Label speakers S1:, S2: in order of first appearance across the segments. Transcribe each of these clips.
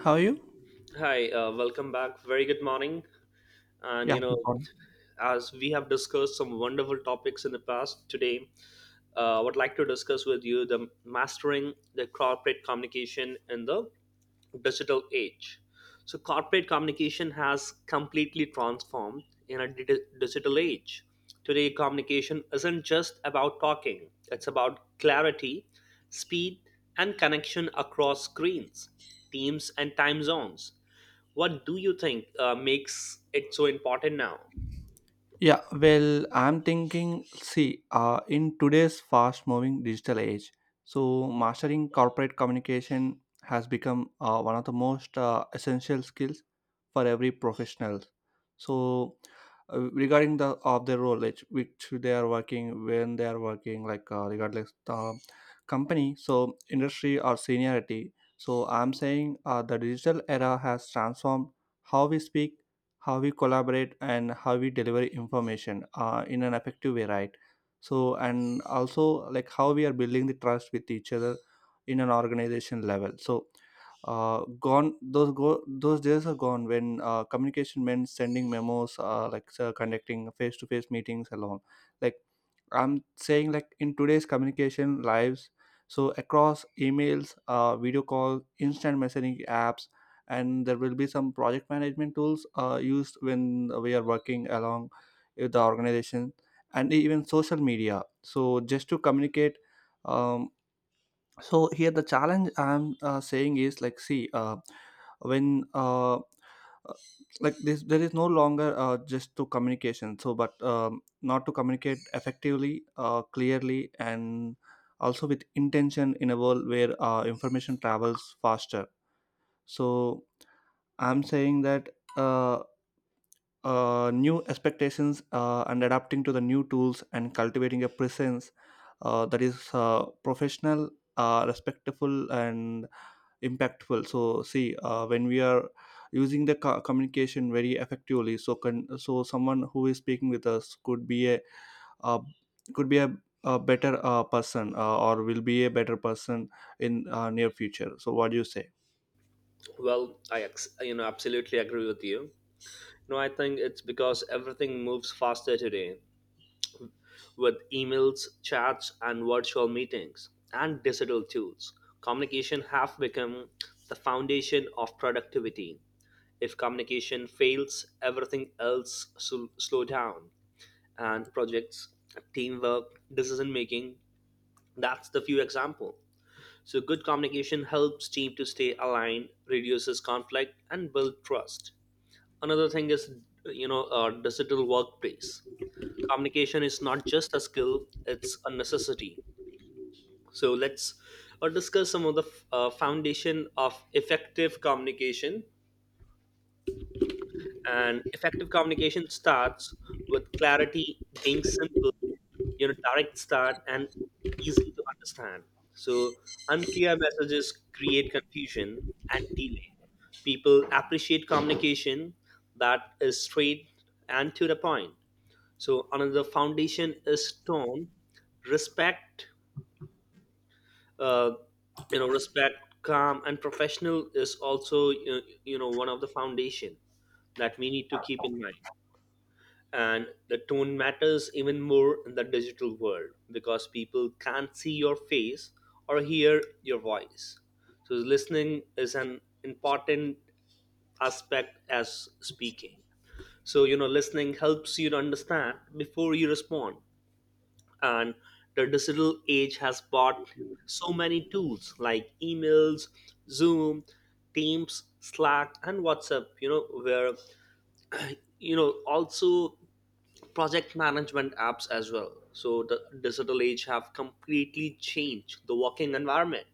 S1: How are you?
S2: Hi, welcome back. Very good morning. And
S1: Yeah,
S2: you know,
S1: keep on.
S2: as we have discussed some wonderful topics in the past, today I would like to discuss with you the mastering the corporate communication in the digital age. So corporate communication has completely transformed in a digital age. Today, communication isn't just about talking, it's about clarity, speed, and connection across screens, teams, and time zones. What do you think makes it so important now?
S1: Yeah, well, I'm thinking, see, in today's fast moving digital age, so mastering corporate communication has become one of the most essential skills for every professional. So, regarding the of their role, which they are working, when they are working, like regardless the company, so industry or seniority. So, I'm saying the digital era has transformed how we speak, how we collaborate, and how we deliver information in an effective way, right? So and also like how we are building the trust with each other in an organization level. So gone those go those days are gone when communication meant sending memos, like conducting face-to-face meetings alone, like, I'm saying, like in today's communication lives so across emails, video call, instant messaging apps, and there will be some project management tools used when we are working along with the organization and even social media, so just to communicate. um, so here the challenge I'm saying is like see, when like this there is no longer just to communication, so but not to communicate effectively, clearly, and also with intention in a world where information travels faster. So I'm saying that, uh, new expectations and adapting to the new tools and cultivating a presence that is professional, respectful, and impactful. So, see, when we are using the communication very effectively, so can so someone who is speaking with us could be a, uh, could be a better person, or will be a better person in near future. So, what do you say?
S2: Well, you know absolutely agree with you. No, I think it's because everything moves faster today. With emails, chats, and virtual meetings, and digital tools, communication have become the foundation of productivity. If communication fails, everything else should slow down, and projects, teamwork, decision making. That's the few example. So good communication helps team to stay aligned, reduces conflict, and build trust. Another thing is, you know, a digital workplace communication is not just a skill, it's a necessity. So let's discuss some of the foundation of effective communication, and effective communication starts with clarity, being simple, you know, direct start, and easy to understand. So unclear messages create confusion and delay. People appreciate communication that is straight and to the point. So another foundation is tone, respect, uh, you know, respect, calm, and professional is also you know one of the foundation that we need to keep in mind. And the tone matters even more in the digital world because people can't see your face or hear your voice. So listening is an important aspect as speaking. So you know, listening helps you to understand before you respond. And the digital age has brought so many tools like emails, Zoom, Teams, Slack, and WhatsApp, you know, where, you know, also project management apps as well. So the digital age have completely changed the working environment.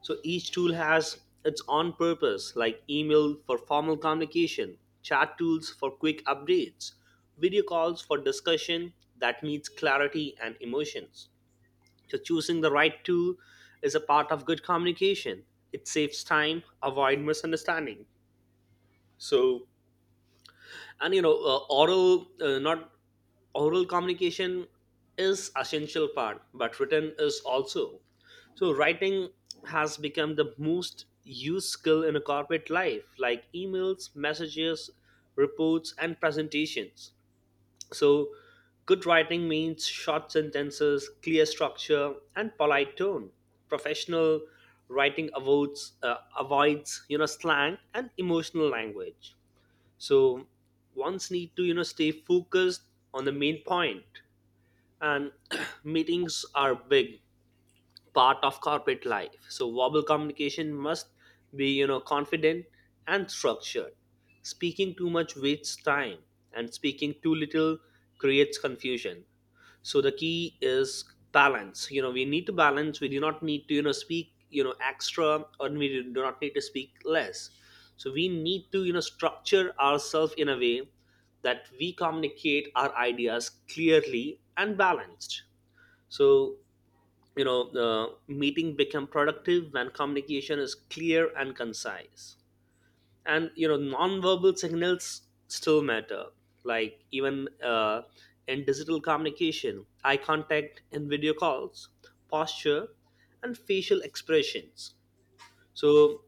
S2: So each tool has its own purpose, like email for formal communication, chat tools for quick updates, video calls for discussion that needs clarity and emotions. So choosing the right tool is a part of good communication. It saves time, avoid misunderstanding. So, and you know, oral not oral communication is essential part, but written is also. So writing has become the most used skill in a corporate life, like emails, messages, reports, and presentations. So, good writing means short sentences, clear structure, and polite tone. Professional writing avoids avoids you know slang and emotional language. So, ones need to, you know, stay focused on the main point. And meetings are big, part of corporate life. So verbal communication must be, you know, confident and structured. Speaking too much wastes time and speaking too little creates confusion. So the key is balance. You know, we need to balance. We do not need to, you know, speak, you know, extra, or we do not need to speak less. So we need to, you know, structure ourselves in a way that we communicate our ideas clearly and balanced. So you know, meeting become productive when communication is clear and concise. And you know, nonverbal signals still matter, like even in digital communication, eye contact in video calls, posture, and facial expressions. So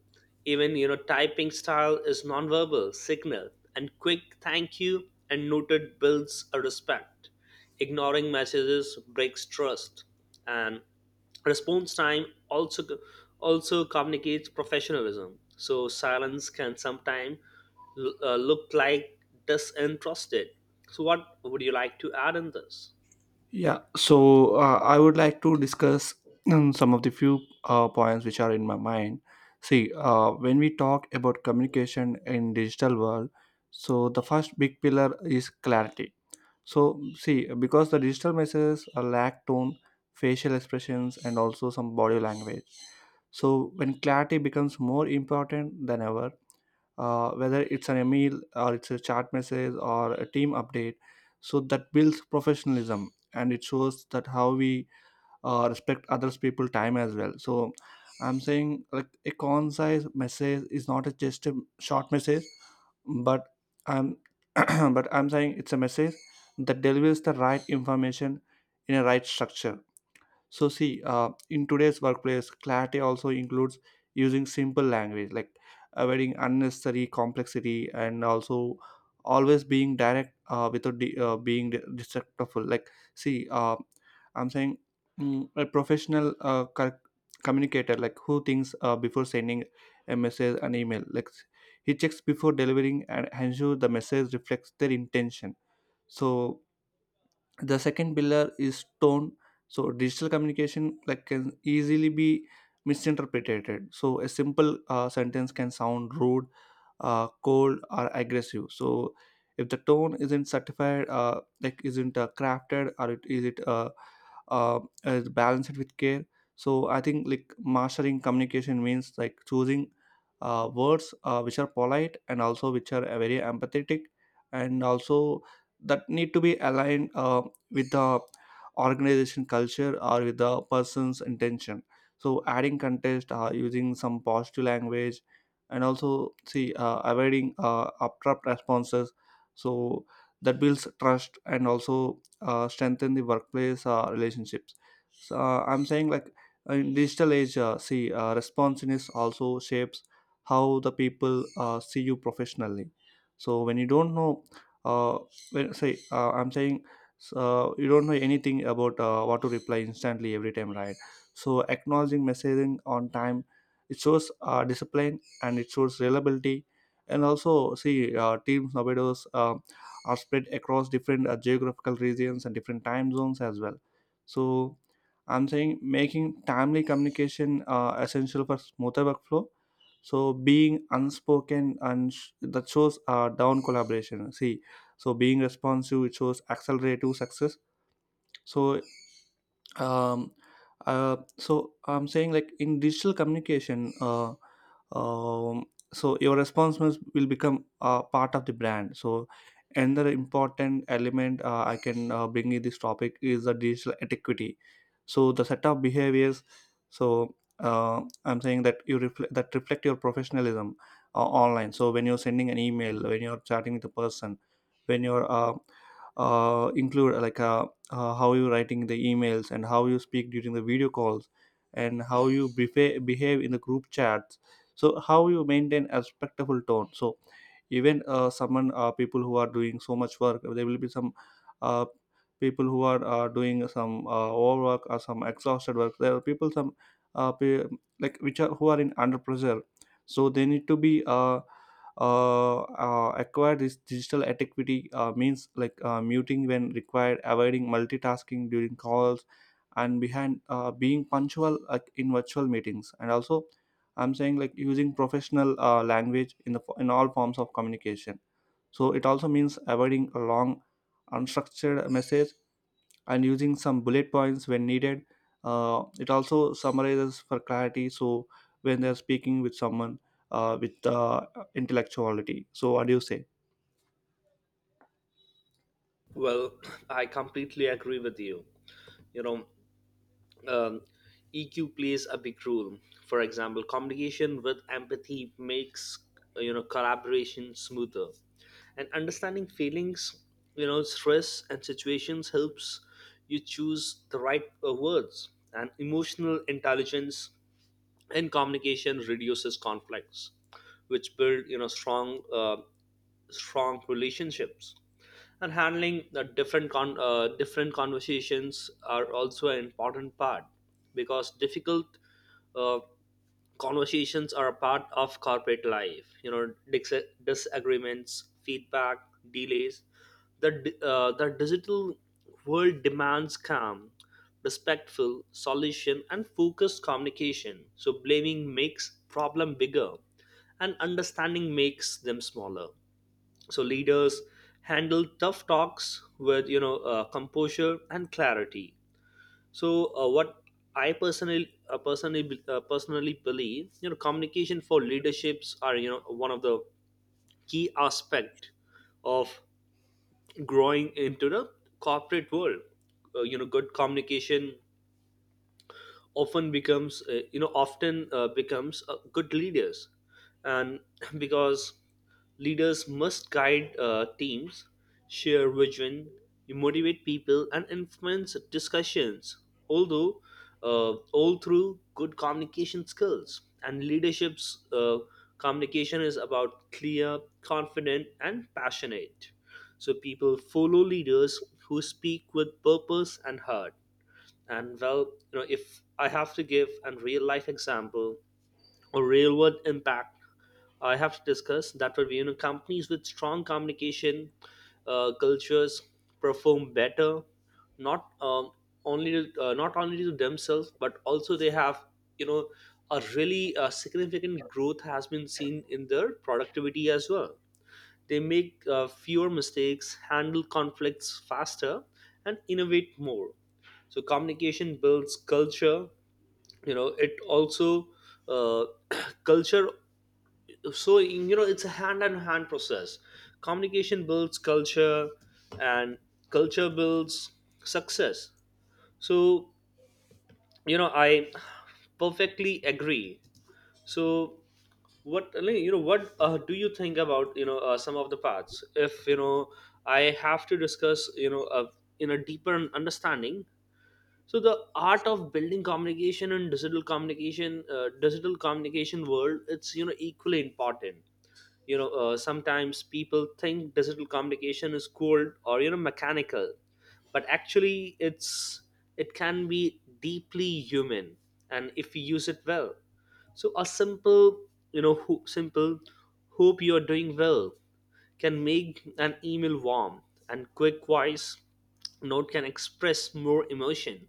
S2: even, you know, typing style is nonverbal signal. And quick thank you and noted builds a respect. Ignoring messages breaks trust, and response time also communicates professionalism. So silence can sometimes look like disinterested. So what would you like to add in this?
S1: Yeah, so I would like to discuss some of the few points which are in my mind. See, when we talk about communication in digital world, so the first big pillar is clarity. So see, because the digital messages are lack tone, facial expressions, and also some body language. So when clarity becomes more important than ever, whether it's an email or it's a chat message or a team update, so that builds professionalism and it shows that how we respect others people time as well. So I'm saying like a concise message is not a just a short message, but I'm but I'm saying it's a message that delivers the right information in a right structure. So see, in today's workplace, clarity also includes using simple language, like avoiding unnecessary complexity, and also always being direct without being destructful. Like, see, I'm saying, a professional communicator, like who thinks before sending a message, an email, like he checks before delivering and ensure the message reflects their intention. So the second pillar is tone. So digital communication like can easily be misinterpreted, so a simple sentence can sound rude, cold, or aggressive. So if the tone isn't certified, like isn't crafted or it uh, is balanced with care. So I think like mastering communication means like choosing words which are polite and also which are very empathetic, and also that need to be aligned with the organization culture or with the person's intention. So adding context, using some positive language, and also see avoiding abrupt responses, so that builds trust and also strengthen the workplace relationships. So I'm saying like in digital age, see, responsiveness also shapes how the people see you professionally. So when you don't know, uh, when say I'm saying, so you don't know anything about what to reply instantly every time, right? So acknowledging messaging on time, it shows discipline and it shows reliability. And also see, teams nowadays are spread across different geographical regions and different time zones as well. So I'm saying making timely communication essential for smoother workflow. So being unspoken and that shows down collaboration, see, so being responsive, it shows accelerative success. So um so I'm saying like in digital communication, um, so your responsiveness will become part of the brand. So another important element I can bring in this topic is the digital etiquette, so the set of behaviors. So uh, I'm saying that you reflect that reflect your professionalism online. So when you're sending an email, when you're chatting with a person, when you're include like, how you writing the emails and how you speak during the video calls and how you behave in the group chats, so how you maintain a respectful tone. So even someone people who are doing so much work, there will be some uh, people who are doing some overwork or some exhausted work, there are people some pe- like which are who are in under pressure. So they need to be acquire this digital etiquette, means like muting when required, avoiding multitasking during calls, and behind being punctual like in virtual meetings, and also I'm saying like using professional language in all forms of communication. So it also means avoiding a long unstructured message and using some bullet points when needed. It also summarizes for clarity. So when they're speaking with someone with intellectuality. So what do you say?
S2: Well, I completely agree with you. You know, um, EQ plays a big role. For example, communication with empathy makes, you know, collaboration smoother, and understanding feelings, you know, stress and situations helps you choose the right words. And emotional intelligence and communication reduces conflicts, which build, you know, strong strong relationships. And handling the different different conversations are also an important part, because difficult uh, conversations are a part of corporate life, you know, disagreements, feedback, delays, the the digital world demands calm, respectful solution, and focused communication. So blaming makes problem bigger and understanding makes them smaller. So leaders handle tough talks with, you know, composure and clarity. So what I personally believe, you know, communication for leaderships are, you know, one of the key aspect of growing into the corporate world. You know, good communication often becomes you know often becomes good leaders. And because leaders must guide teams, share vision, motivate people, and influence discussions, although all through good communication skills. And leadership's communication is about clear, confident, and passionate. So people follow leaders who speak with purpose and heart. And well, you know, if I have to give a real life example or real world impact, I have to discuss that would be, you know, companies with strong communication cultures perform better, not only not only to themselves but also they have, you know, a really significant growth has been seen in their productivity as well. They make fewer mistakes, handle conflicts faster, and innovate more. So communication builds culture, you know, it also uh, culture so you know it's a hand on hand process. Communication builds culture and culture builds success. So you know, I perfectly agree. So what, you know, what do you think about, you know, some of the parts if you know I have to discuss, you know, in a deeper understanding. So the art of building communication and digital communication world, it's, you know, equally important. You know, sometimes people think digital communication is cold or, you know, mechanical, but actually it can be deeply human. And if we use it well, so a simple, you know, simple "hope you are doing well" can make an email warm, and quick voice note can express more emotion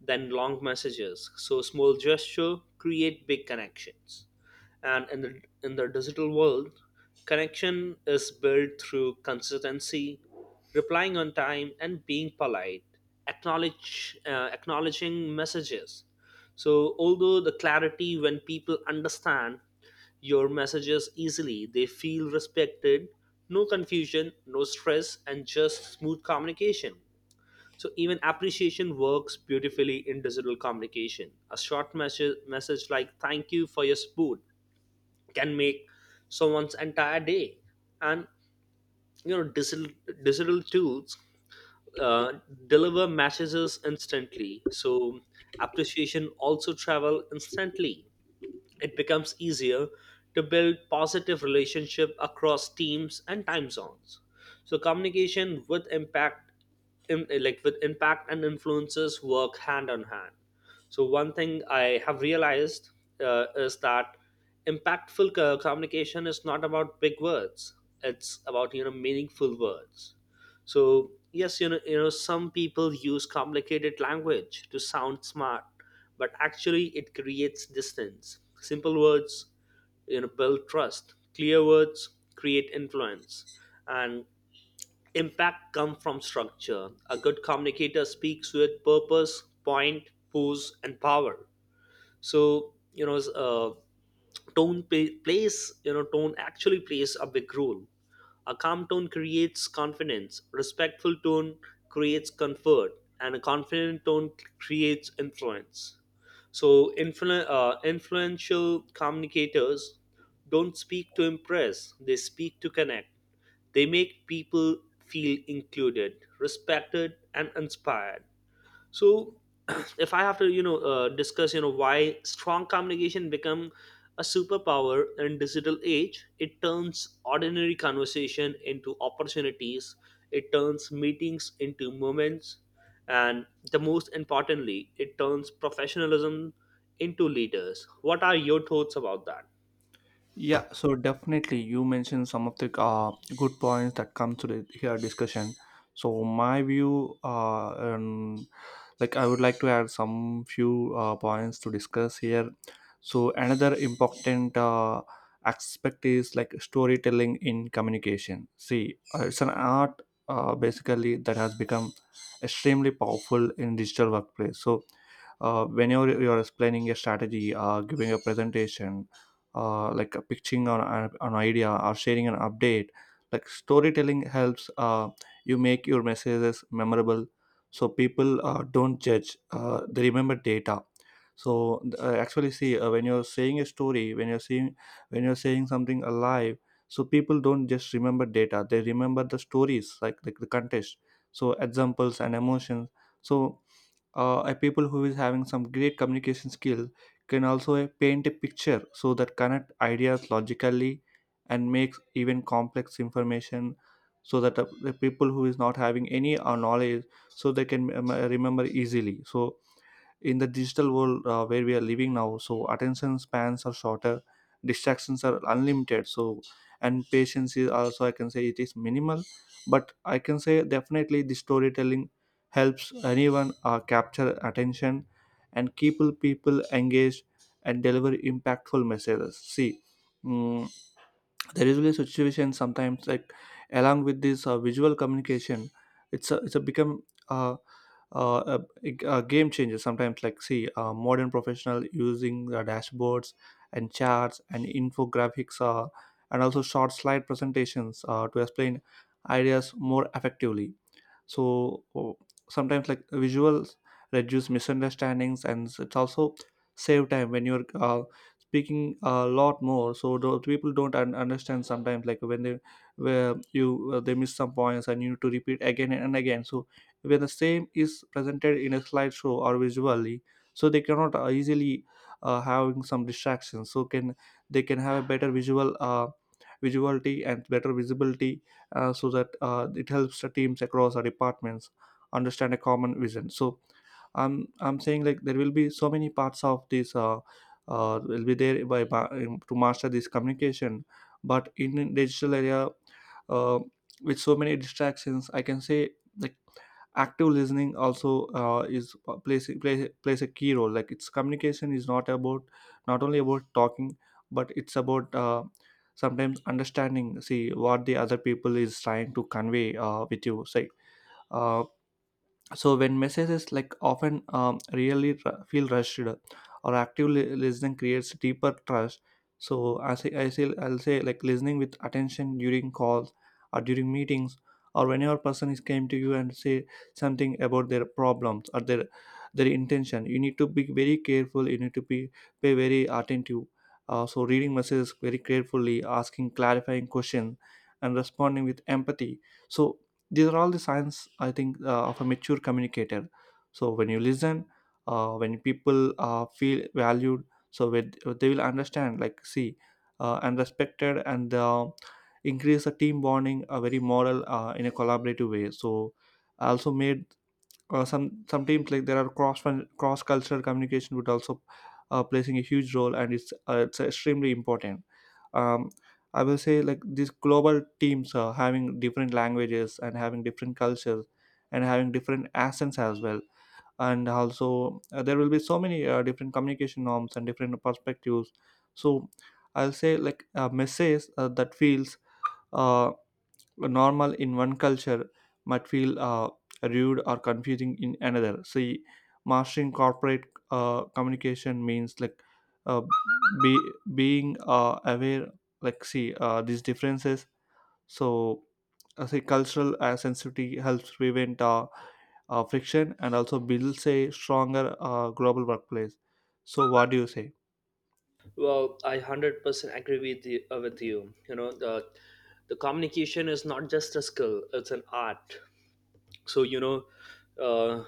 S2: than long messages. So small gesture create big connections. And in the digital world, connection is built through consistency, replying on time, and being polite. Acknowledge, acknowledging messages. So although the clarity, when people understand your messages easily, they feel respected. No confusion, no stress, and just smooth communication. So even appreciation works beautifully in digital communication. A short message like "Thank you for your support" can make someone's entire day. And you know, digital tools uh, deliver messages instantly. So appreciation also travel instantly. It becomes easier to build positive relationship across teams and time zones. So communication with impact, like with impact and influences work hand on hand. So one thing I have realized is that impactful communication is not about big words, it's about, you know, meaningful words. So yes, you know, some people use complicated language to sound smart, but actually it creates distance. Simple words, you know, build trust. Clear words create influence, and impact come from structure. A good communicator speaks with purpose, point, pose, and power. So you know, plays, you know, tone actually plays a big role. A calm tone creates confidence, respectful tone creates comfort, and a confident tone creates influence. So influential communicators don't speak to impress, they speak to connect. They make people feel included, respected, and inspired. So if I have to, you know, discuss, you know, why strong communication become a superpower in digital age, it turns ordinary conversation into opportunities, it turns meetings into moments, and the most importantly, it turns professionalism into leaders. What are your thoughts about that?
S1: Yeah, so definitely you mentioned some of the good points that come to the here discussion. So my view, like I would like to add some few points to discuss here. So another important aspect is like storytelling in communication. See, it's an art basically that has become extremely powerful in digital workplace. So whenever you're explaining a strategy, giving a presentation, like pitching on an idea or sharing an update, like storytelling helps you make your messages memorable. So people don't judge, they remember data. So actually see, when you're saying a story, when you're seeing, when you're saying something alive, so people don't just remember data, they remember the stories, like the context. So examples and emotions. So a people who is having some great communication skill can also paint a picture so that connect ideas logically and makes even complex information so that the people who is not having any knowledge, so they can remember easily. So in the digital world where we are living now, so attention spans are shorter, distractions are unlimited, so and patience is also, I can say, it is minimal. But I can say definitely the storytelling helps anyone capture attention and keep people engaged and deliver impactful messages, see. mm, there is really a situation sometimes like along with this visual communication. It's a, it's a become uh, uh, a game changer sometimes. Like see, modern professional using dashboards and charts and infographics, and also short slide presentations to explain ideas more effectively. So sometimes like visuals reduce misunderstandings, and it's also save time when you're speaking a lot more. So the people don't understand sometimes like when they, where you, they miss some points and you need to repeat again and again. So when the same is presented in a slideshow or visually, so they cannot easily having some distractions, so can they can have a better visual visuality and better visibility, so that it helps the teams across our departments understand a common vision. So I'm saying like there will be so many parts of this, will be there by to master this communication. But in digital area, uh, with so many distractions, I can say like active listening also, is, plays a key role. Like its communication is not about, not only about talking, but it's about sometimes understanding. See what the other people is trying to convey with you. Say Uh, so when messages often really feel rushed or actively listening creates deeper trust. So I'll say like listening with attention during calls or during meetings or whenever person is came to you and say something about their problems or their intention, you need to be very careful, you need to be pay very attentive. So reading messages very carefully, asking clarifying questions, and responding with empathy. So these are all the signs, I think, of a mature communicator. So when you listen, when people feel valued, so with, they will understand, like see, and respected, and increase the team bonding, a very moral, in a collaborative way. So I also made some teams, like there are cross cultural communication would also placing a huge role, and it's extremely important. um, I will say like these global teams having different languages and having different cultures and having different accents as well, and also there will be so many different communication norms and different perspectives. So I'll say like a message that feels uh, normal in one culture might feel rude or confusing in another. See, mastering corporate communication means like uh, be being aware, like see these differences. So, I say cultural sensitivity helps prevent friction and also builds a stronger global workplace. So, what do you say?
S2: Well, I 100% agree with you, with you, you know, the communication is not just a skill, it's an art. So you know, uh,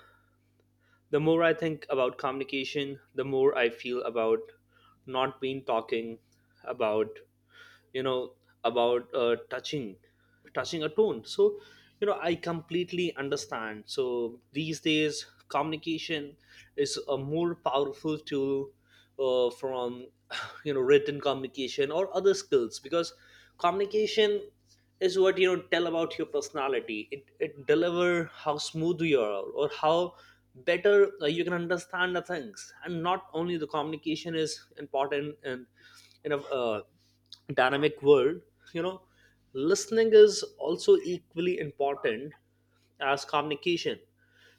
S2: the more I think about communication, the more I feel about not being talking about, you know, about touching a tone. So you know, I completely understand. So these days communication is a more powerful tool from you know written communication or other skills, because communication is what, you know, tell about your personality. It deliver how smooth you are or how better you can understand the things. And not only the communication is important, and you know, dynamic world, you know, listening is also equally important as communication,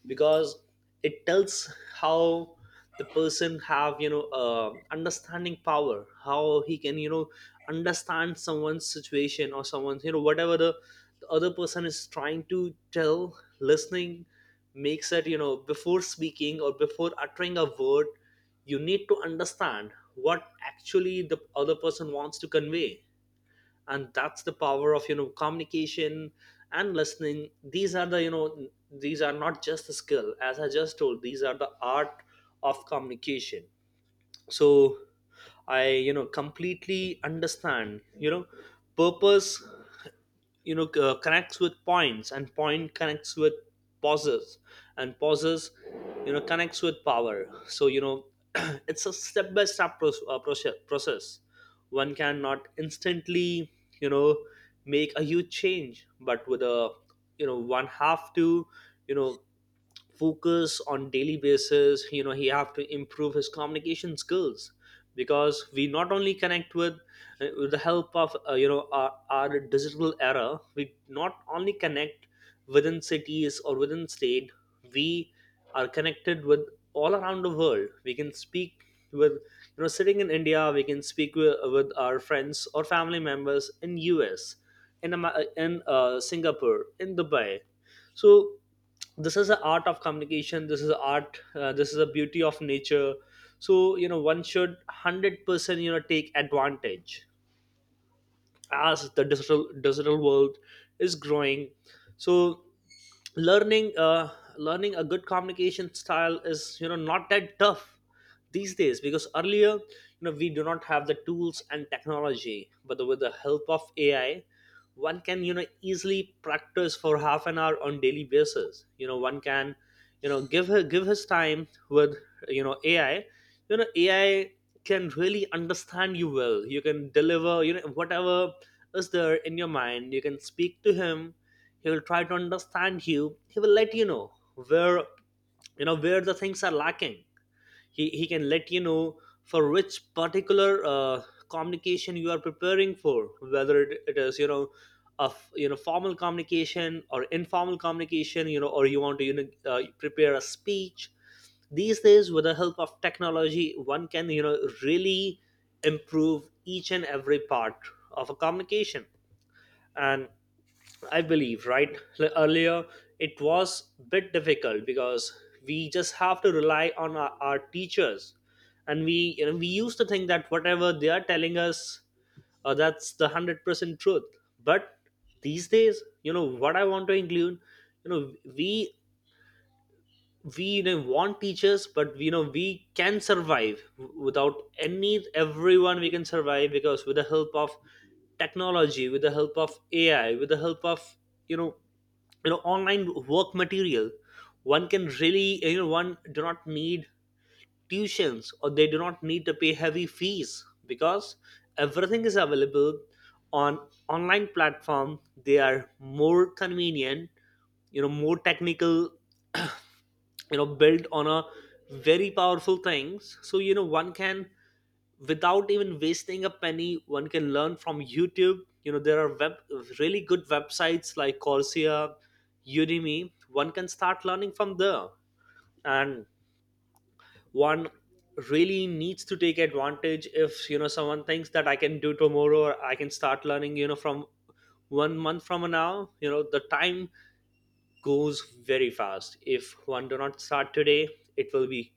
S2: because it tells how the person have, you know, understanding power, how he can, you know, understand someone's situation or someone's, you know, whatever the other person is trying to tell. Listening makes it, you know, before speaking or before uttering a word, you need to understand what actually the other person wants to convey. And that's the power of, you know, communication and listening. These are the, you know, these are not just the skill, as I just told, these are the art of communication. So I, you know, completely understand, you know, purpose, you know, Connects with points, and point connects with pauses, and pauses connects with power. So it's a step by step process. One cannot instantly you know make a huge change, but with a— one have to you know focus on daily basis. He have to improve his communication skills, because we not only connect with, with the help of our digital era. We not only connect within cities or within state, we are connected with all around the world. We can speak with, sitting in india, we can speak with our friends or family members in US, in singapore, in dubai. So this is the art of communication, this is the art, this is the beauty of nature. So one should 100% take advantage, as the digital world is growing. So learning, learning a good communication style is, not that tough these days, because earlier we do not have the tools and technology. But with the help of AI, one can easily practice for half an hour on daily basis. One can give his time with AI. Ai can really understand you well. You can deliver whatever is there in your mind. You can speak to him. He will try to understand you. He will let you know where, where the things are lacking. He can let you know for which particular communication you are preparing for, whether it is, of formal communication or informal communication, or you want to prepare a speech. These days, with the help of technology, one can really improve each and every part of a communication. And I believe, right, earlier it was a bit difficult, because we just have to rely on our teachers, and we, we used to think that whatever they are telling us, that's the 100% truth. But these days, what I want to include, you know we we want teachers, but we can survive without any everyone, we can survive, because with the help of technology, with the help of ai, with the help of you know online work material, one can really, one do not need tuitions, or they do not need to pay heavy fees, because everything is available on online platform. They are more convenient, more technical, built on a very powerful things. So one can, without even wasting a penny, one can learn from youtube. There are web really good websites like Coursera, udemy. One can start learning from there. And one really needs to take advantage. If someone thinks that I can do tomorrow, or I can start learning from 1 month from now, the time goes very fast. If one do not start today, it will be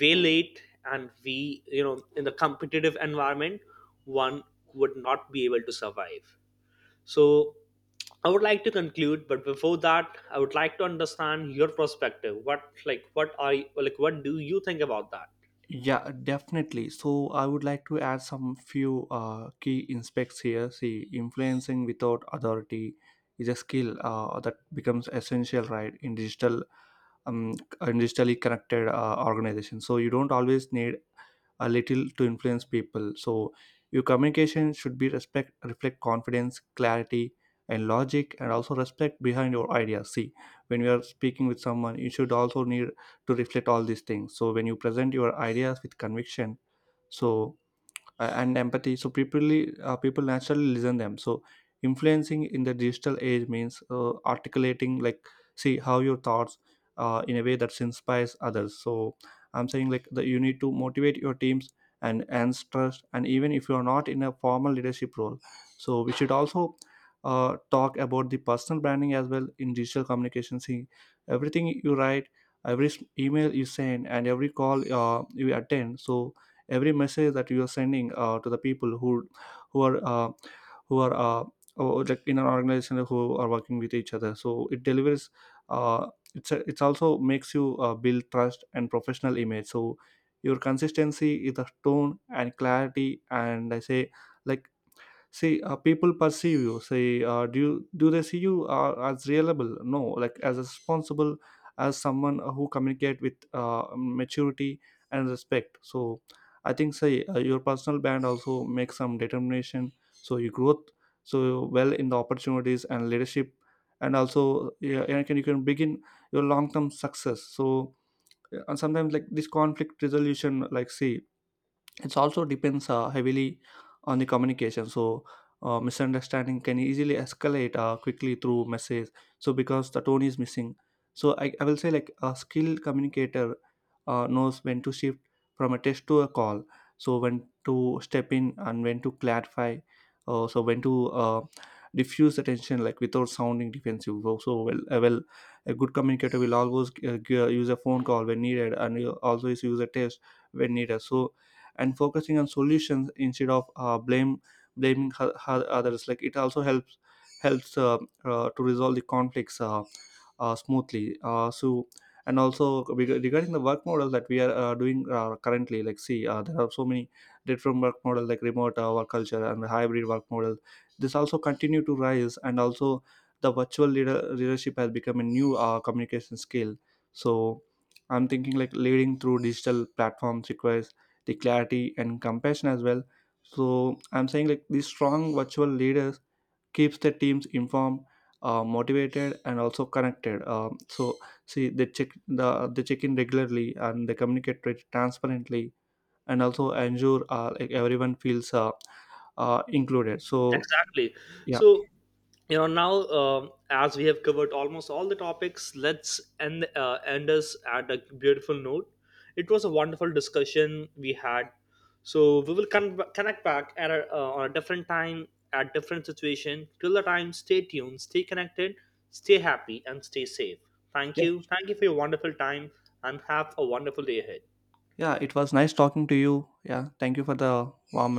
S2: way late. And we, in the competitive environment, one would not be able to survive. So I would like to conclude, but before that I would like to understand your perspective, what like, like, what do you think about that?
S1: Yeah, definitely. So I would like to add some few key inspects here. See, influencing without authority is a skill that becomes essential, right, um, in digitally connected organizations. So you don't always need a little to influence people. So your communication should be respect, reflect confidence, clarity and logic, and also respect behind your ideas. See, when you are speaking with someone, you should also need to reflect all these things. So when you present your ideas with conviction, so and empathy, so people naturally listen them. So influencing in the digital age means articulating, like see how your thoughts in a way that inspires others. So I'm saying like that you need to motivate your teams and trust, and even if you are not in a formal leadership role. So we should also talk about the personal branding as well in digital communication. See, everything you write, email you send, and every call you attend, so every message that you are sending to the people who who are uh, who are uh, oh, like in an organization who are working with each other, so it delivers uh, it's a, it's also makes you build trust and professional image. So your consistency is the tone and clarity, and I say like, see, people perceive you, say, do they see you as reliable, no, like as responsible, as someone who communicate with maturity and respect. So I think, say, your personal brand also makes some determination, so you growth so well in the opportunities and leadership, and also yeah, you can begin your long term success. So and sometimes like this conflict resolution, like see, it's also depends heavily on the communication. So misunderstanding can easily escalate quickly through message. So because the tone is missing. So I will say like a skilled communicator knows when to shift from a text to a call. So when to step in and when to clarify. So when to diffuse the tension like without sounding defensive. Oh, so well, a good communicator will always use a phone call when needed and will always use a test when needed. So and focusing on solutions instead of blame blaming her, her others, like it also helps to resolve the conflicts smoothly. So and also regarding the work model that we are doing currently, like see, there are so many different work model like remote work culture and hybrid work model. This also continue to rise, and also leadership has become a new communication skill. So I'm thinking like leading through digital platforms requires the clarity and compassion as well. So I'm saying like these strong virtual leaders keeps the teams informed, motivated, and also connected. So see, they check in regularly and they communicate transparently, and also ensure like everyone feels included. So
S2: Exactly.
S1: yeah.
S2: So, now, as we have covered almost all the topics, let's end us at a beautiful note. It was a wonderful discussion we had. So we will connect back on a different time, at different situation. Till the time, stay tuned, stay connected, stay happy, and stay safe. Thank
S1: Yeah,
S2: you. Thank you for your wonderful time, and have a wonderful day ahead.
S1: yeah, it was nice talking to you. Yeah, thank you for the warm